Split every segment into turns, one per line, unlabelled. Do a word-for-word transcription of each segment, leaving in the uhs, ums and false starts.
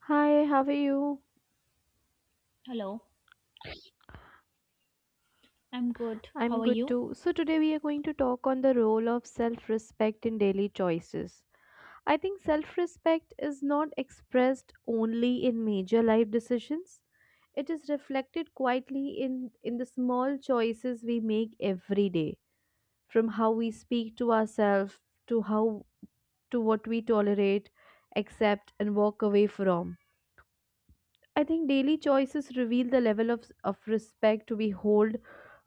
Hi, how are you?
Hello, I'm good.
I'm
How are
good
you?
too. So, today we are going to talk on the role of self respect in daily choices. I think self respect is not expressed only in major life decisions, it is reflected quietly in, in the small choices we make every day, from how we speak to ourselves to how to what we tolerate, accept, and walk away from. I think daily choices reveal the level of, of respect we hold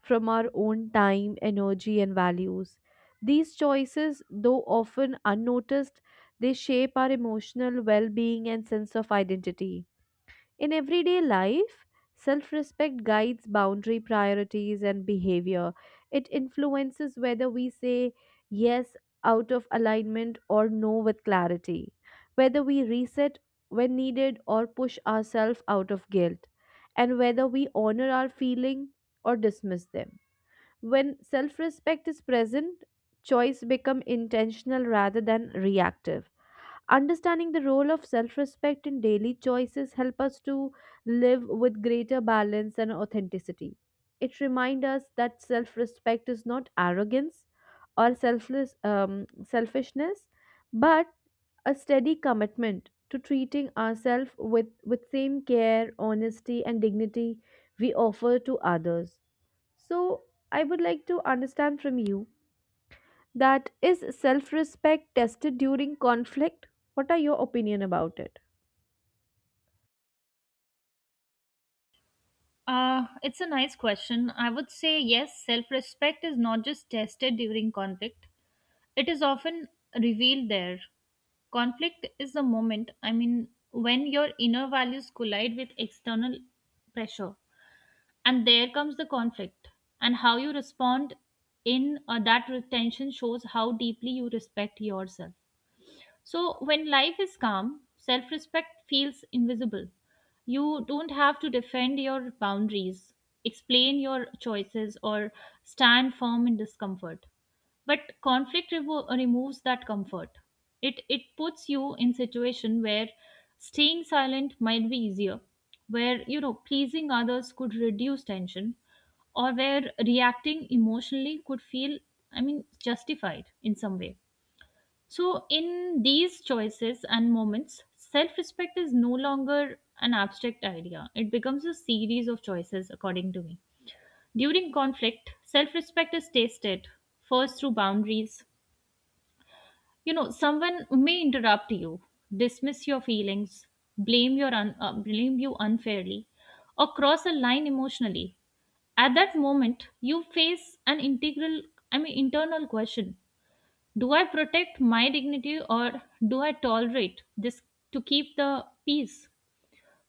from our own time, energy, and values. These choices, though often unnoticed, they shape our emotional well being and sense of identity. In everyday life, self respect guides boundary priorities and behavior. It influences whether we say yes out of alignment or no with clarity, whether we reset when needed or push ourselves out of guilt, and whether we honor our feeling or dismiss them. When self respect is present, choice become intentional rather than reactive. Understanding the role of self-respect in daily choices help us to live with greater balance and authenticity. It reminds us that self-respect is not arrogance or selfless um, selfishness, but a steady commitment to treating ourselves with with same care, honesty, and dignity we offer to others. So I would like to understand from you, that is self respect tested during conflict? What are your opinion about it?
Uh, it's a nice question. I would say yes, self respect is not just tested during conflict, it is often revealed there. Conflict is the moment, I mean, when your inner values collide with external pressure. And there comes the conflict. And how you respond in uh, that re- tension shows how deeply you respect yourself. So, when life is calm, self respect feels invisible. You don't have to defend your boundaries, explain your choices, or stand firm in discomfort. But conflict revo- removes that comfort. It, it puts you in situation where staying silent might be easier, where you know pleasing others could reduce tension, or where reacting emotionally could feel, I mean, justified in some way. So, in these choices and moments, self respect is no longer an abstract idea. It becomes a series of choices, according to me. During conflict, self respect is tested first through boundaries. You know, someone may interrupt you, dismiss your feelings, blame, your un- uh, blame you unfairly, or cross a line emotionally. At that moment, you face an integral, I mean, internal question: do I protect my dignity or do I tolerate this to keep the peace?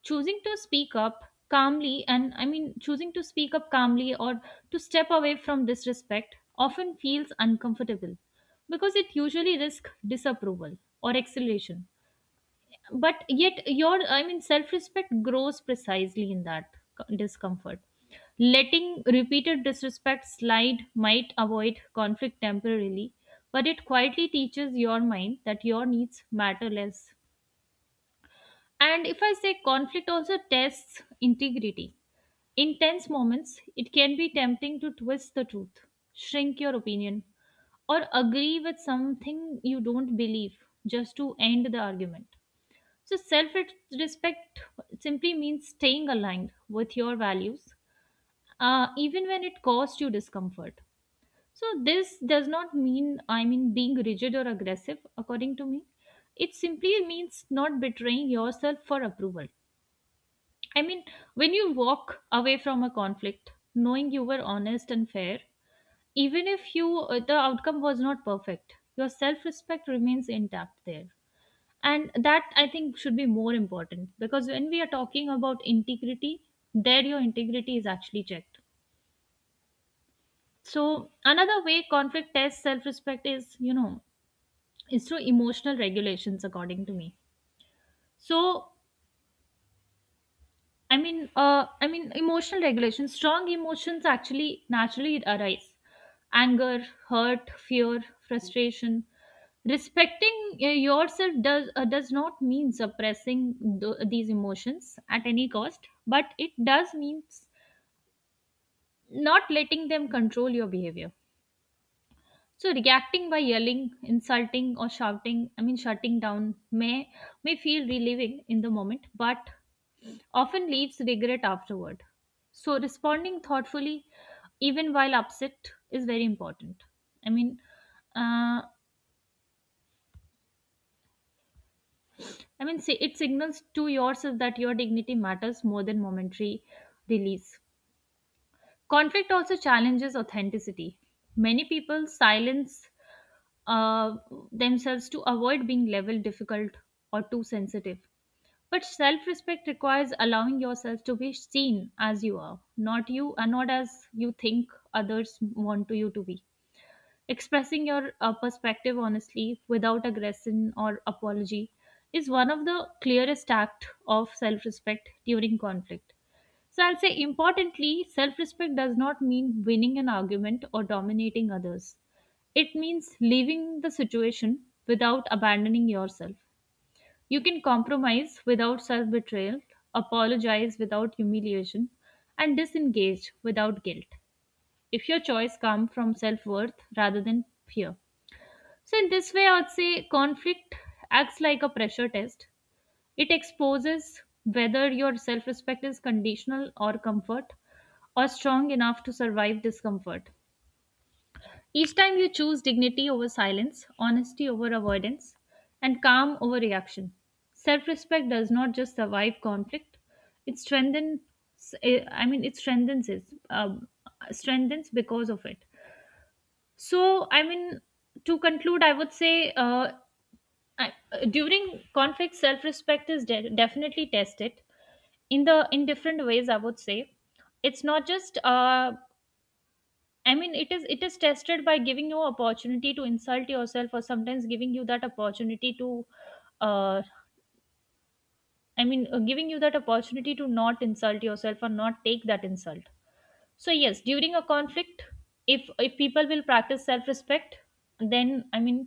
Choosing to speak up calmly, and I mean, Choosing to speak up calmly or to step away from disrespect often feels uncomfortable because it usually risks disapproval or acceleration, but yet your, I mean, self-respect grows precisely in that c- discomfort. Letting repeated disrespect slide might avoid conflict temporarily, but it quietly teaches your mind that your needs matter less. And if I say, conflict also tests integrity. In tense moments, it can be tempting to twist the truth, shrink your opinion, or agree with something you don't believe just to end the argument. So, self respect simply means staying aligned with your values, uh, even when it costs you discomfort. So, this does not mean, I mean, being rigid or aggressive, according to me. It simply means not betraying yourself for approval. I mean, when you walk away from a conflict, knowing you were honest and fair, even if you, uh, the outcome was not perfect, your self respect remains intact there. And that, I think, should be more important because when we are talking about integrity, there your integrity is actually checked. So another way conflict tests self-respect is, you know, is through emotional regulations, according to me. So, I mean, uh, I mean, emotional regulation. Strong emotions actually naturally arise: anger, hurt, fear, frustration. Respecting, uh, yourself does, uh, does not mean suppressing th- these emotions at any cost, but it does means not letting them control your behavior. So reacting by yelling, insulting, or shouting—I mean, shutting down—may may may feel relieving in the moment, but often leaves regret afterward. So, responding thoughtfully, even while upset, is very important. I mean, uh, I mean, Say it signals to yourself that your dignity matters more than momentary release. Conflict also challenges authenticity. Many people silence, uh, themselves to avoid being labeled difficult or too sensitive. But self respect requires allowing yourself to be seen as you are, not you and not as you think others want to you to be. Expressing your, uh, perspective honestly without aggression or apology is one of the clearest act of self respect during conflict. So I'll say, importantly, self respect does not mean winning an argument or dominating others. It means leaving the situation without abandoning yourself. You can compromise without self betrayal, apologize without humiliation, and disengage without guilt if your choice comes from self worth rather than fear. So, in this way, I would say conflict acts like a pressure test. It exposes whether your self respect is conditional or comfort or strong enough to survive discomfort. Each time you choose dignity over silence, honesty over avoidance, and calm over reaction. Self respect does not just survive conflict, it strengthens, eh, I mean, it strengthens it, um, strengthens because of it. So, I mean, to conclude, I would say uh, I, during conflict, self respect is de- definitely tested in the in different ways, I would say. It's not just uh, I mean, it is it is tested by giving you opportunity to insult yourself, or sometimes giving you that opportunity to, uh, I mean, uh, giving you that opportunity to not insult yourself or not take that insult. So yes, during a conflict, if if people will practice self respect, then I mean,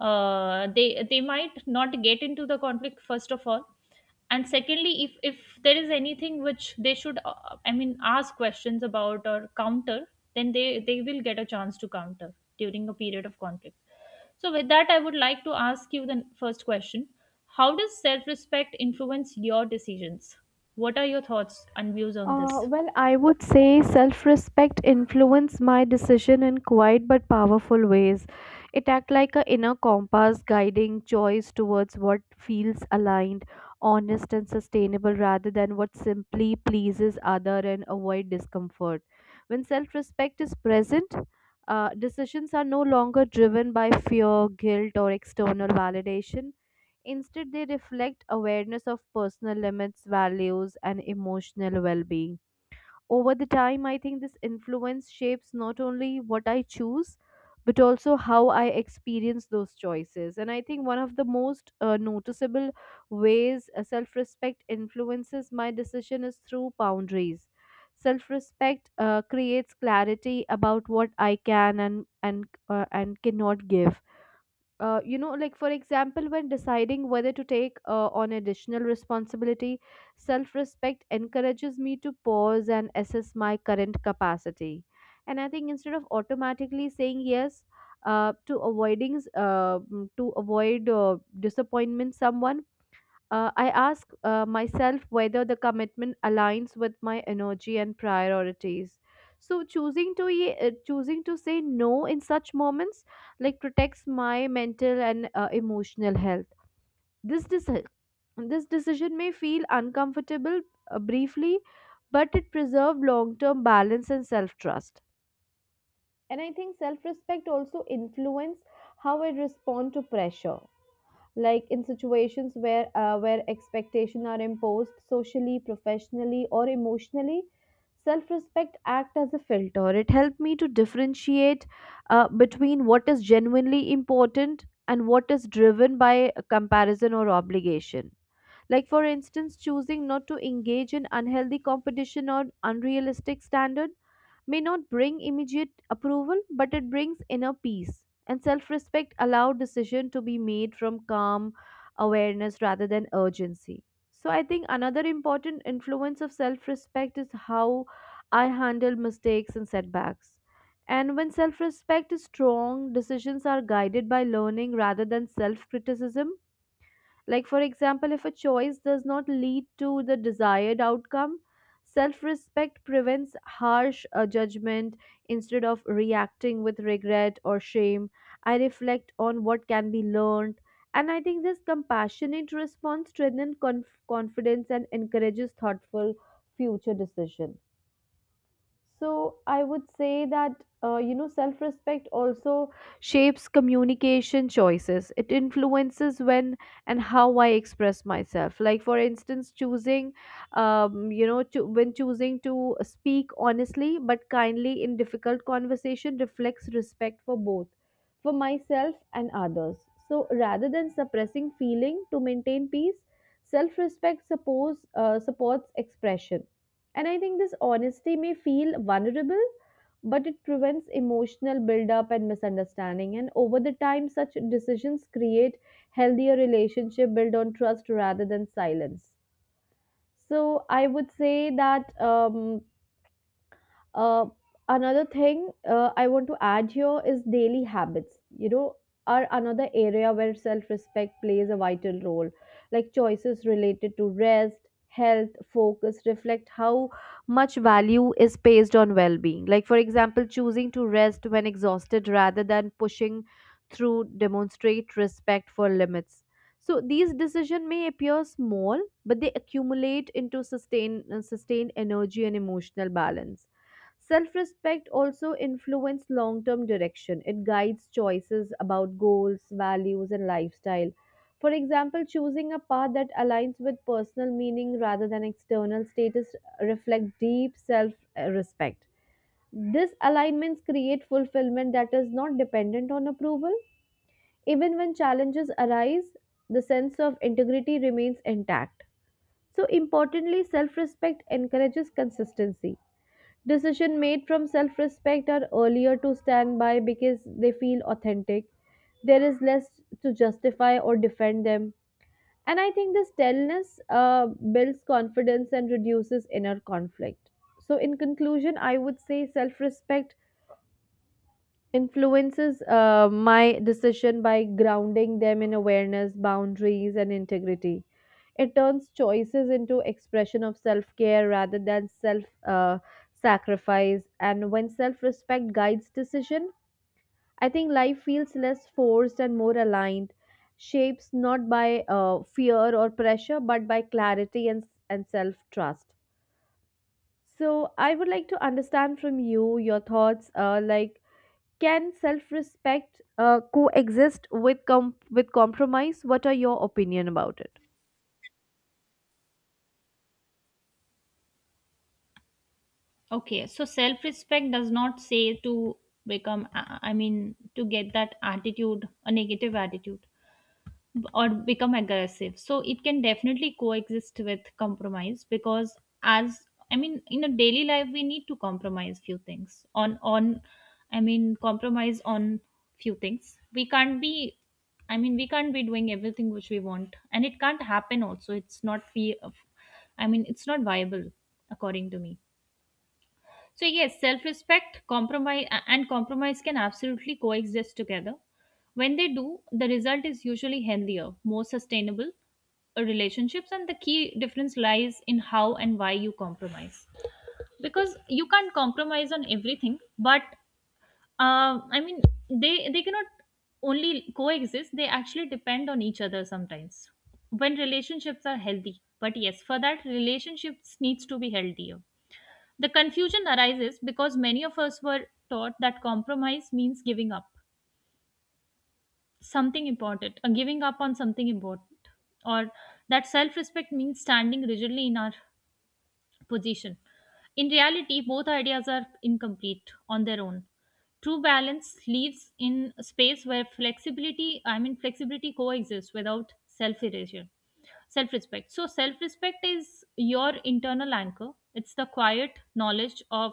uh, they they might not get into the conflict first of all. And secondly, if if there is anything which they should, uh, I mean, ask questions about or counter, then they they will get a chance to counter during a period of conflict. So with that, I would like to ask you the first question: how does self respect influence your decisions? What are your thoughts and views on this?
Uh, well, I would say self respect influenced my decision in quiet but powerful ways. It act like an inner compass guiding choice towards what feels aligned, honest, and sustainable rather than what simply pleases other and avoid discomfort. When self respect is present, uh, decisions are no longer driven by fear, guilt, or external validation. Instead, they reflect awareness of personal limits, values, and emotional well being over the time. I think this influence shapes not only what I choose, but also how I experience those choices. And I think one of the most uh, noticeable ways uh, self respect influences my decision is through boundaries. Self respect uh, creates clarity about what I can and, and, uh, and cannot give, uh, you know, like for example, when deciding whether to take uh, on additional responsibility, self respect encourages me to pause and assess my current capacity. And I think instead of automatically saying yes uh, to avoiding, uh, mm, to avoid uh, disappointment someone, uh, I ask uh, myself whether the commitment aligns with my energy and priorities. So choosing to ye- uh, choosing to say no in such moments like protects my mental and uh, emotional health. This deci- this decision may feel uncomfortable uh, briefly, but it preserves long term balance and self trust. And I think self respect also influence how I respond to pressure, like in situations where uh, where expectations are imposed socially, professionally, or emotionally. Self respect act as a filter. It helped me to differentiate uh, between what is genuinely important and what is driven by a comparison or obligation, like for instance choosing not to engage in unhealthy competition or unrealistic standard may not bring immediate approval, but it brings inner peace. And self respect, allow decision to be made from calm awareness rather than urgency. So, I think another important influence of self respect is how I handle mistakes and setbacks. And when self respect is strong, decisions are guided by learning rather than self criticism, like, for example, if a choice does not lead to the desired outcome, self respect prevents harsh uh, judgment. Instead of reacting with regret or shame, I reflect on what can be learned. And I think this compassionate response strengthens conf- confidence and encourages thoughtful future decisions. So I would say that, uh, you know, self-respect also shapes communication choices. It influences when and how I express myself. Like for instance, choosing, um, you know, to, when choosing to speak honestly but kindly in difficult conversation reflects respect for both, for myself and others. So rather than suppressing feeling to maintain peace, self-respect suppose uh, supports expression. And I think this honesty may feel vulnerable, but it prevents emotional buildup and misunderstanding. And over the time, such decisions create healthier relationship built on trust rather than silence. So I would say that um, uh, another thing uh, I want to add here is daily habits, you know, are another area where self respect plays a vital role. Like choices related to rest, health, focus reflect how much value is placed on well being. Like, for example, choosing to rest when exhausted rather than pushing through demonstrate respect for limits. So these decisions may appear small, but they accumulate into sustain, uh, sustained energy and emotional balance. Self respect also influences long term direction. It guides choices about goals, values, and lifestyle. For example, choosing a path that aligns with personal meaning rather than external status reflects deep self respect. These alignments create fulfillment that is not dependent on approval. Even when challenges arise, the sense of integrity remains intact. So, importantly, self respect encourages consistency. Decisions made from self respect are earlier to stand by because they feel authentic. There is less to justify or defend them. And I think this stillness uh, builds confidence and reduces inner conflict. So, in conclusion, I would say self respect influences uh, my decision by grounding them in awareness, boundaries, and integrity. It turns choices into expression of self-care rather than self uh, sacrifice. And when self-respect guides decision, I think life feels less forced and more aligned, shapes not by uh, fear or pressure, but by clarity and and self-trust. So I would like to understand from you your thoughts, uh, like can self-respect uh, coexist with com- with compromise? What are your opinion about it?
Okay, so self respect does not say to become, uh, I mean, to get that attitude, a negative attitude, b- or become aggressive. So it can definitely coexist with compromise because, as I mean, in a daily life, we need to compromise few things on, on, I mean, compromise on few things. We can't be, I mean, we can't be doing everything which we want, and it can't happen also. It's not, fe- I mean, it's not viable, according to me. So yes, self-respect, compromise, and compromise can absolutely coexist together. When they do, the result is usually healthier, more sustainable, uh, relationships, and the key difference lies in how and why you compromise. Because you can't compromise on everything, but uh, I mean, they they cannot only coexist; they actually depend on each other sometimes. When relationships are healthy, but yes, for that relationships needs to be healthier. The confusion arises because many of us were taught that compromise means giving up something important, or giving up on something important, or that self respect means standing rigidly in our position. In reality, both ideas are incomplete on their own. True balance lives in a space where flexibility, I mean, flexibility coexists without self erasure. Self respect, so self respect is your internal anchor. It's the quiet knowledge of,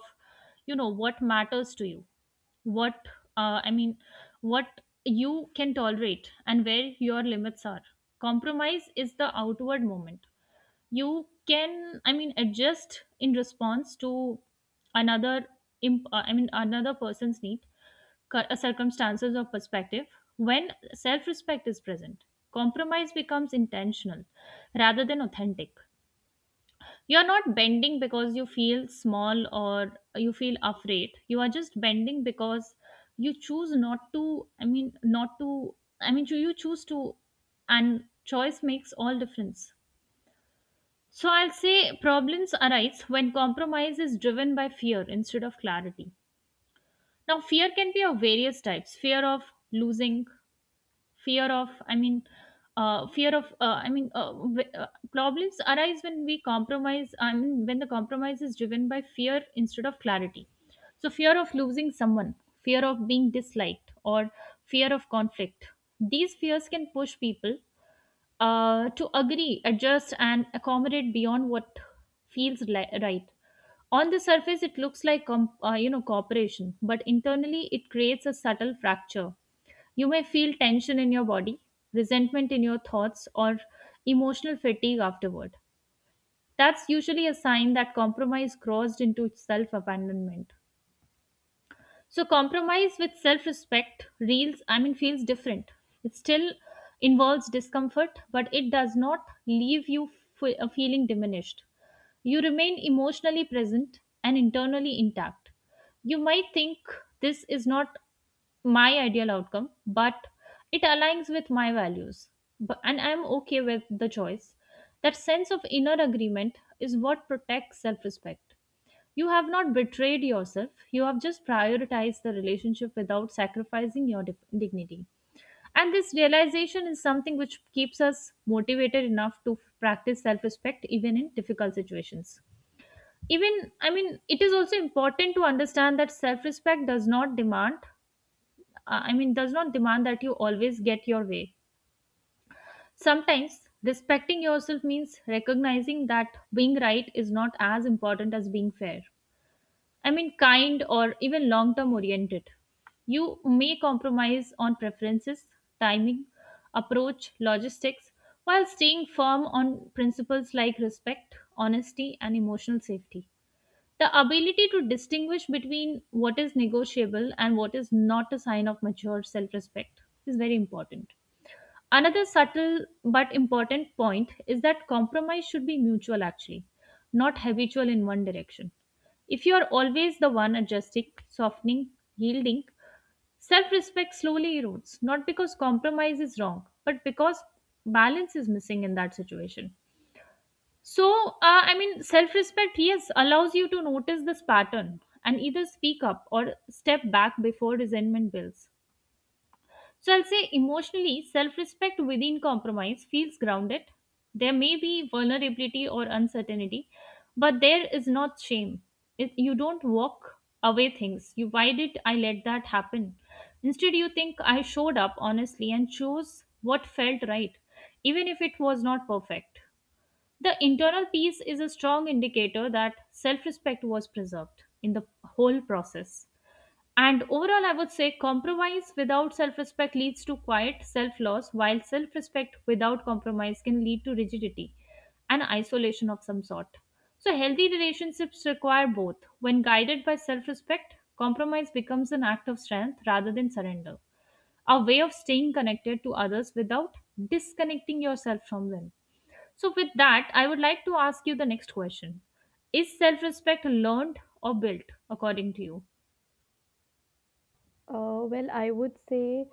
you know, what matters to you, what, uh, I mean, what you can tolerate and where your limits are. Compromise is the outward moment. You can, I mean, adjust in response to another imp- uh, i mean another person's need, cir- uh, circumstances, or perspective. When self-respect is present, compromise becomes intentional rather than authentic. You're not bending because you feel small or you feel afraid. You are just bending because you choose not to, I mean, not to, I mean, you you choose to. And choice makes all difference. So I'll say, problems arise when compromise is driven by fear instead of clarity. Now, fear can be of various types: fear of losing, fear of, I mean, uh, fear of, uh, I mean, uh, w- uh, problems arise when we compromise. I mean, when the compromise is driven by fear instead of clarity. So, fear of losing someone, fear of being disliked, or fear of conflict. These fears can push people, uh, to agree, adjust, and accommodate beyond what feels, li- right. On the surface, it looks like com- uh, you know, cooperation, but internally, it creates a subtle fracture. You may feel tension in your body, resentment in your thoughts, or emotional fatigue afterward. That's usually a sign that compromise crossed into self abandonment. So compromise with self-respect reels, I mean, feels different. It still involves discomfort, but it does not leave you fe- uh, feeling diminished. You remain emotionally present and internally intact. You might think, this is not my ideal outcome, but it aligns with my values. But, and I'm okay with the choice. That sense of inner agreement is what protects self respect. You have not betrayed yourself, you have just prioritized the relationship without sacrificing your dif- dignity. And this realization is something which keeps us motivated enough to practice self respect even in difficult situations. Even, I mean, it is also important to understand that self respect does not demand, uh, I mean, does not demand that you always get your way. Sometimes respecting yourself means recognizing that being right is not as important as being fair, I mean, kind, or even long term oriented. You may compromise on preferences, timing, approach, logistics, while staying firm on principles like respect, honesty, and emotional safety. The ability to distinguish between what is negotiable and what is not a sign of mature self respect is very important. Another subtle but important point is that compromise should be mutual, actually, not habitual in one direction. If you are always the one adjusting, softening, yielding, self respect slowly erodes, not because compromise is wrong, but because balance is missing in that situation. So, uh, I mean, self respect, yes, allows you to notice this pattern and either speak up or step back before resentment builds. So I'll say emotionally, self respect within compromise feels grounded. There may be vulnerability or uncertainty, but there is not shame. It, you don't walk away things. You, why did I let that happen? Instead, you think I showed up honestly and chose what felt right, even if it was not perfect. The internal peace is a strong indicator that self respect was preserved in the whole process. And overall, I would say compromise without self respect leads to quiet self loss, while self respect without compromise can lead to rigidity and isolation of some sort. So, healthy relationships require both. When guided by self respect, compromise becomes an act of strength rather than surrender, a way of staying connected to others without disconnecting yourself from them. So, with that, I would like to ask you the next question. Is self respect learned or built, according to you?
Uh, well, I would say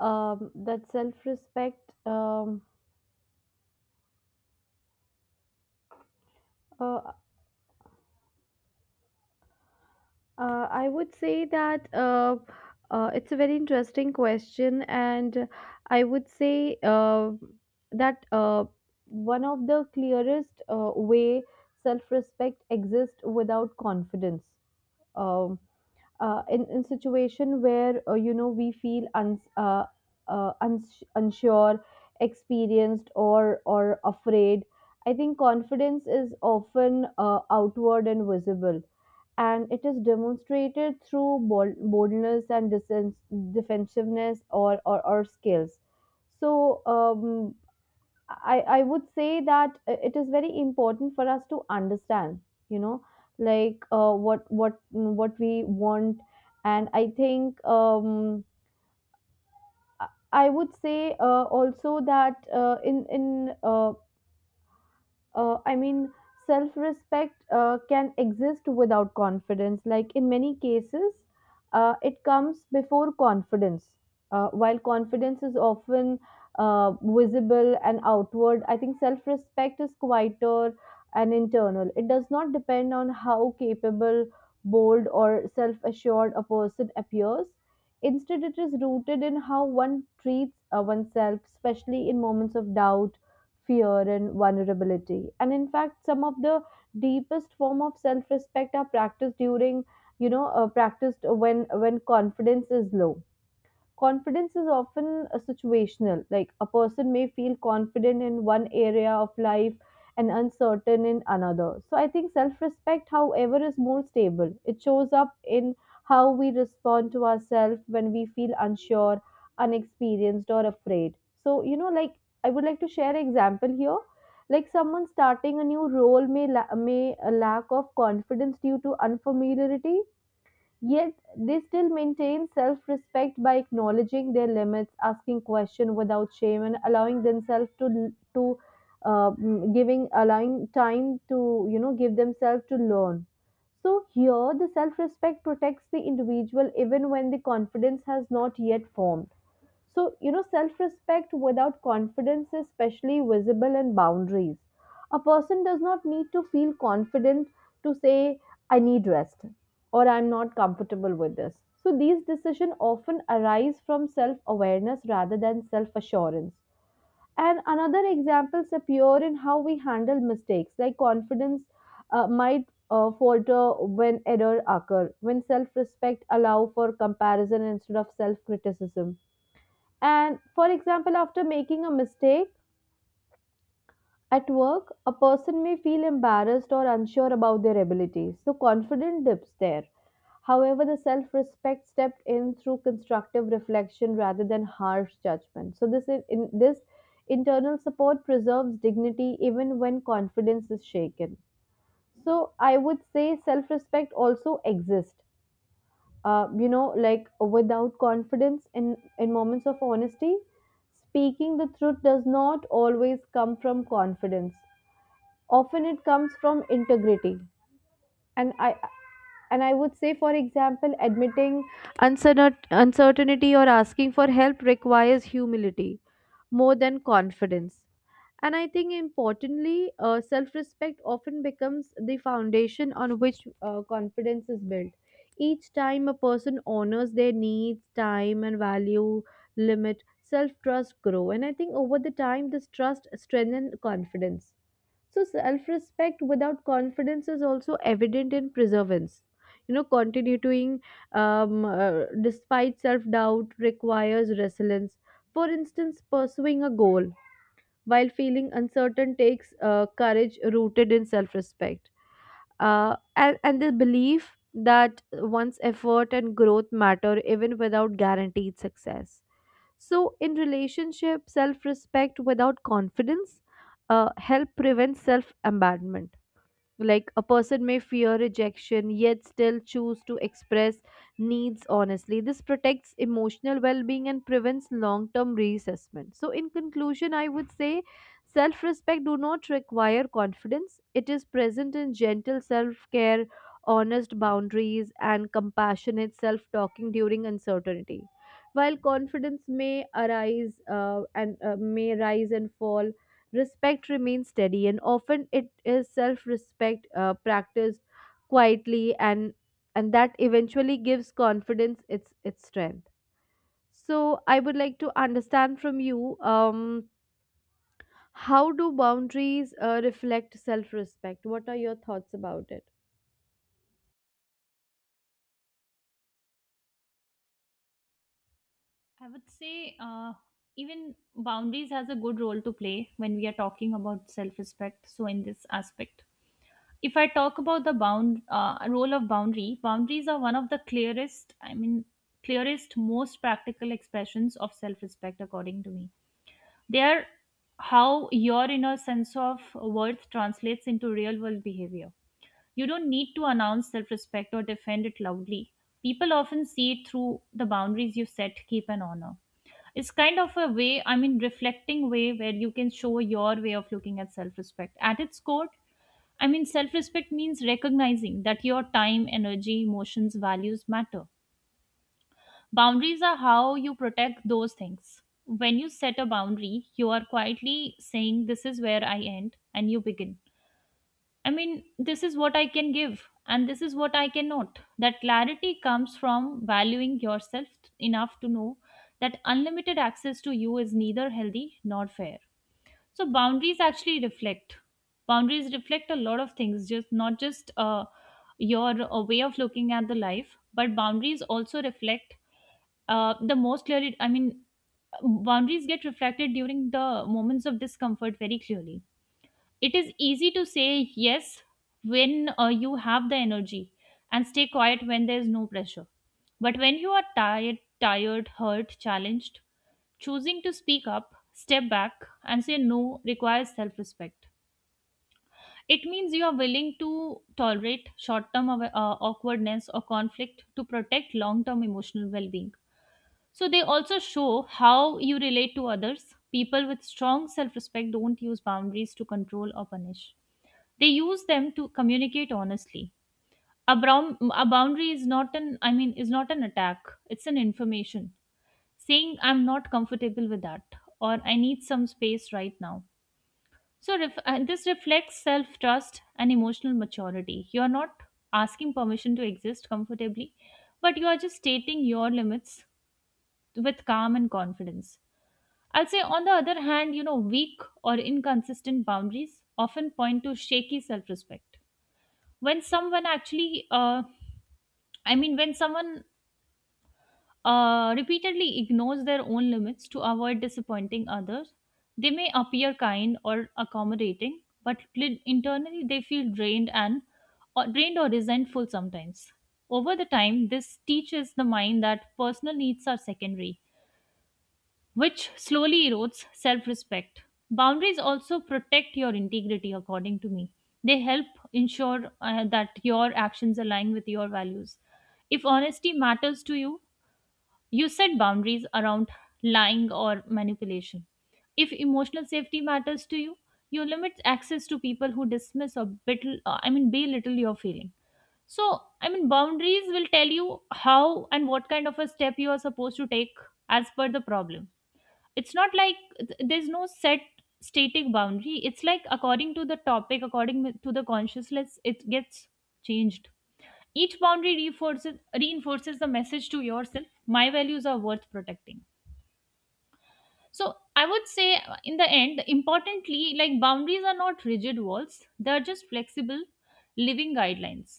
um, that self respect. Um, uh, Uh, I would say that, uh, uh, it's a very interesting question, and I would say uh, that uh, one of the clearest uh, way, self-respect exists without confidence. Um, uh, in in situation where uh, you know, we feel uns uh, uh, uns unsure, experienced, or or afraid, I think confidence is often uh, outward and visible, and it is demonstrated through bold, boldness and disen- defensiveness or, or, or skills. So um, I, I would say that uh, it is very important for us to understand, you know, like uh, what what what we want. And I think um, I I would say uh, also that uh, in in uh, uh, I mean, self respect uh, can exist without confidence. Like in many cases, uh, it comes before confidence. Uh, while confidence is often uh, visible and outward, I think self respect is quieter and internal. It does not depend on how capable, bold, or self assured a person appears. Instead, it is rooted in how one treats uh, oneself, especially in moments of doubt, fear, and vulnerability. And in fact, some of the deepest form of self respect are practiced during, you know uh, practiced when when confidence is low. Confidence is often uh, situational, like a person may feel confident in one area of life and uncertain in another. So I think self respect, however, is more stable. It shows up in how we respond to ourselves when we feel unsure, unexperienced, or afraid. So you know, like, I would like to share an example here, like someone starting a new role may la- may a lack of confidence due to unfamiliarity. Yet they still maintain self respect by acknowledging their limits, asking questions without shame, and allowing themselves to to uh, mm, giving allowing time to, you know, give themselves to learn. So here, the self respect protects the individual even when the confidence has not yet formed. So, you know, self respect without confidence is especially visible in boundaries. A person does not need to feel confident to say, I need rest, or I'm not comfortable with this. So, these decisions often arise from self awareness rather than self assurance. And another examples appear in how we handle mistakes, like confidence uh, might uh, falter when error occur, when self respect allow for comparison instead of self criticism. And for example, after making a mistake at work, a person may feel embarrassed or unsure about their abilities. So confidence dips there. However, the self respect stepped in through constructive reflection rather than harsh judgment. So this in, in- this internal support preserves dignity even when confidence is shaken. So I would say self respect also exists, uh, you know, like without confidence. In, in moments of honesty, speaking the truth does not always come from confidence. Often it comes from integrity. And I and I would say, for example, admitting uncertain- uncertainty or asking for help requires humility more than confidence. And I think importantly, uh, self respect often becomes the foundation on which uh, confidence is built. Each time a person honors their needs, time, and value limit, self trust grow. And I think over the time, this trust strengthens confidence. So, self respect without confidence is also evident in perseverance. You know, continuing um, uh, despite self doubt requires resilience. For instance, pursuing a goal while feeling uncertain takes uh, courage rooted in self respect. Uh, and, and the belief that one's effort and growth matter even without guaranteed success. So, in relationship, self respect without confidence uh, help prevent self abandonment, like a person may fear rejection yet still choose to express needs honestly. This protects emotional well-being and prevents long-term reassessment. So in conclusion, I would say self-respect do not require confidence. It is present in gentle self-care, honest boundaries, and compassionate self-talking during uncertainty. While confidence may arise, uh, and uh, may rise and fall, respect remains steady, and often it is self-respect uh, practiced quietly, and and that eventually gives confidence its its strength. So I would like to understand from you. Um, how do boundaries uh, reflect self respect? What are your thoughts about it?
I would say uh, even boundaries has a good role to play when we are talking about self-respect. So in this aspect, if I talk about the bound uh, role of boundary, boundaries are one of the clearest, I mean, clearest, most practical expressions of self-respect, according to me. They are how your inner sense of worth translates into real-world behavior. You don't need to announce self respect or defend it loudly. People often see it through the boundaries you set, keep, and honor. It's kind of a way, I mean, reflecting way where you can show your way of looking at self respect. At its core, I mean, self respect means recognizing that your time, energy, emotions, values matter. Boundaries are how you protect those things. When you set a boundary, you are quietly saying, this is where I end and you begin. I mean, this is what I can give and this is what I cannot. That clarity comes from valuing yourself enough to know that unlimited access to you is neither healthy nor fair. So, boundaries actually reflect. Boundaries reflect a lot of things, just not just uh, your uh, way of looking at the life, but boundaries also reflect uh, the most clearly. I mean, boundaries get reflected during the moments of discomfort very clearly. It is easy to say yes when uh, you have the energy and stay quiet when there is no pressure. But when you are tired, tired, hurt, challenged, choosing to speak up, step back, and say no requires self respect. It means you are willing to tolerate short term awkwardness or conflict to protect long term emotional well being. So they also show how you relate to others. People with strong self respect don't use boundaries to control or punish, they use them to communicate honestly. A, brown, a boundary is not an I mean is not an attack, it's an information, saying I'm not comfortable with that, or I need some space right now. So ref, uh, this reflects self trust and emotional maturity. You are not asking permission to exist comfortably, but you are just stating your limits with calm and confidence. I'll say on the other hand, you know, weak or inconsistent boundaries often point to shaky self respect. When someone actually uh, i mean when someone uh, repeatedly ignores their own limits to avoid disappointing others, they may appear kind or accommodating, but li- internally they feel drained, and or drained or resentful sometimes. Over the time, this teaches the mind that personal needs are secondary, which slowly erodes self respect. Boundaries also protect your integrity, according to me. They help ensure uh, that your actions align with your values. If honesty matters to you, you set boundaries around lying or manipulation. If emotional safety matters to you, you limit access to people who dismiss or bittle, uh, I mean, belittle your feeling. So, I mean, boundaries will tell you how and what kind of a step you are supposed to take as per the problem. It's not like th- there's no set static boundary. It's like according to the topic, according to the consciousness, it gets changed. Each boundary reinforces reinforces the message to yourself: my values are worth protecting. So I would say uh, in the end, importantly, like boundaries are not rigid walls, they're just flexible living guidelines.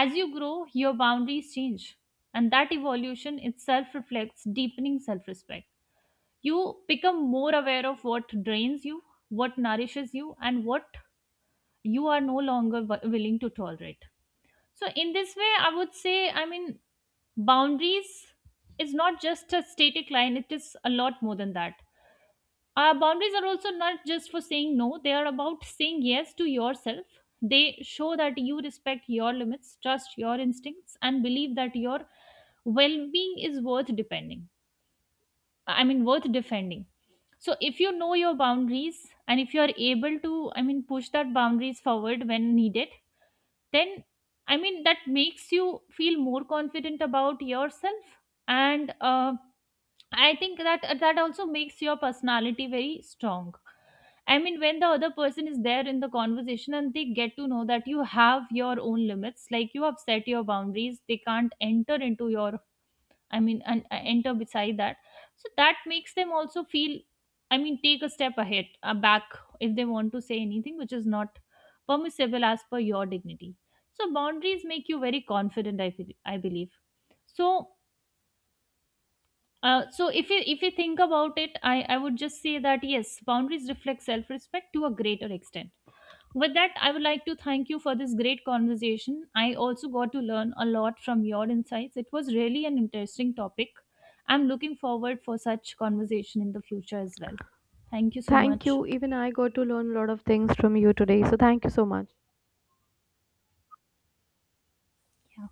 As you grow, your boundaries change, and that evolution itself reflects deepening self-respect. You become more aware of what drains you, what nourishes you, and what you are no longer w- willing to tolerate. So, in this way, I would say, I mean, boundaries is not just a static line, it is a lot more than that. Our boundaries are also not just for saying no, they are about saying yes to yourself. They show that you respect your limits, trust your instincts, and believe that your well being is worth depending. I mean, worth defending. So if you know your boundaries and if you are able to, I mean, push that boundaries forward when needed, then I mean, that makes you feel more confident about yourself. And uh, I think that that also makes your personality very strong. I mean, when the other person is there in the conversation and they get to know that you have your own limits, like you have set your boundaries, they can't enter into your. I mean, and uh, Enter beside that. So that makes them also feel, I mean, take a step ahead, uh, back, if they want to say anything which is not permissible as per your dignity. So boundaries make you very confident. I feel, I believe. So, uh, so if you if you think about it, I I would just say that yes, boundaries reflect self respect to a greater extent. With that, I would like to thank you for this great conversation. I also got to learn a lot from your insights. It was really an interesting topic. I'm looking forward for such conversation in the future as well. Thank you so
Thank
much.
you. Even I got to learn a lot of things from you today. So, thank you so much.
Yeah.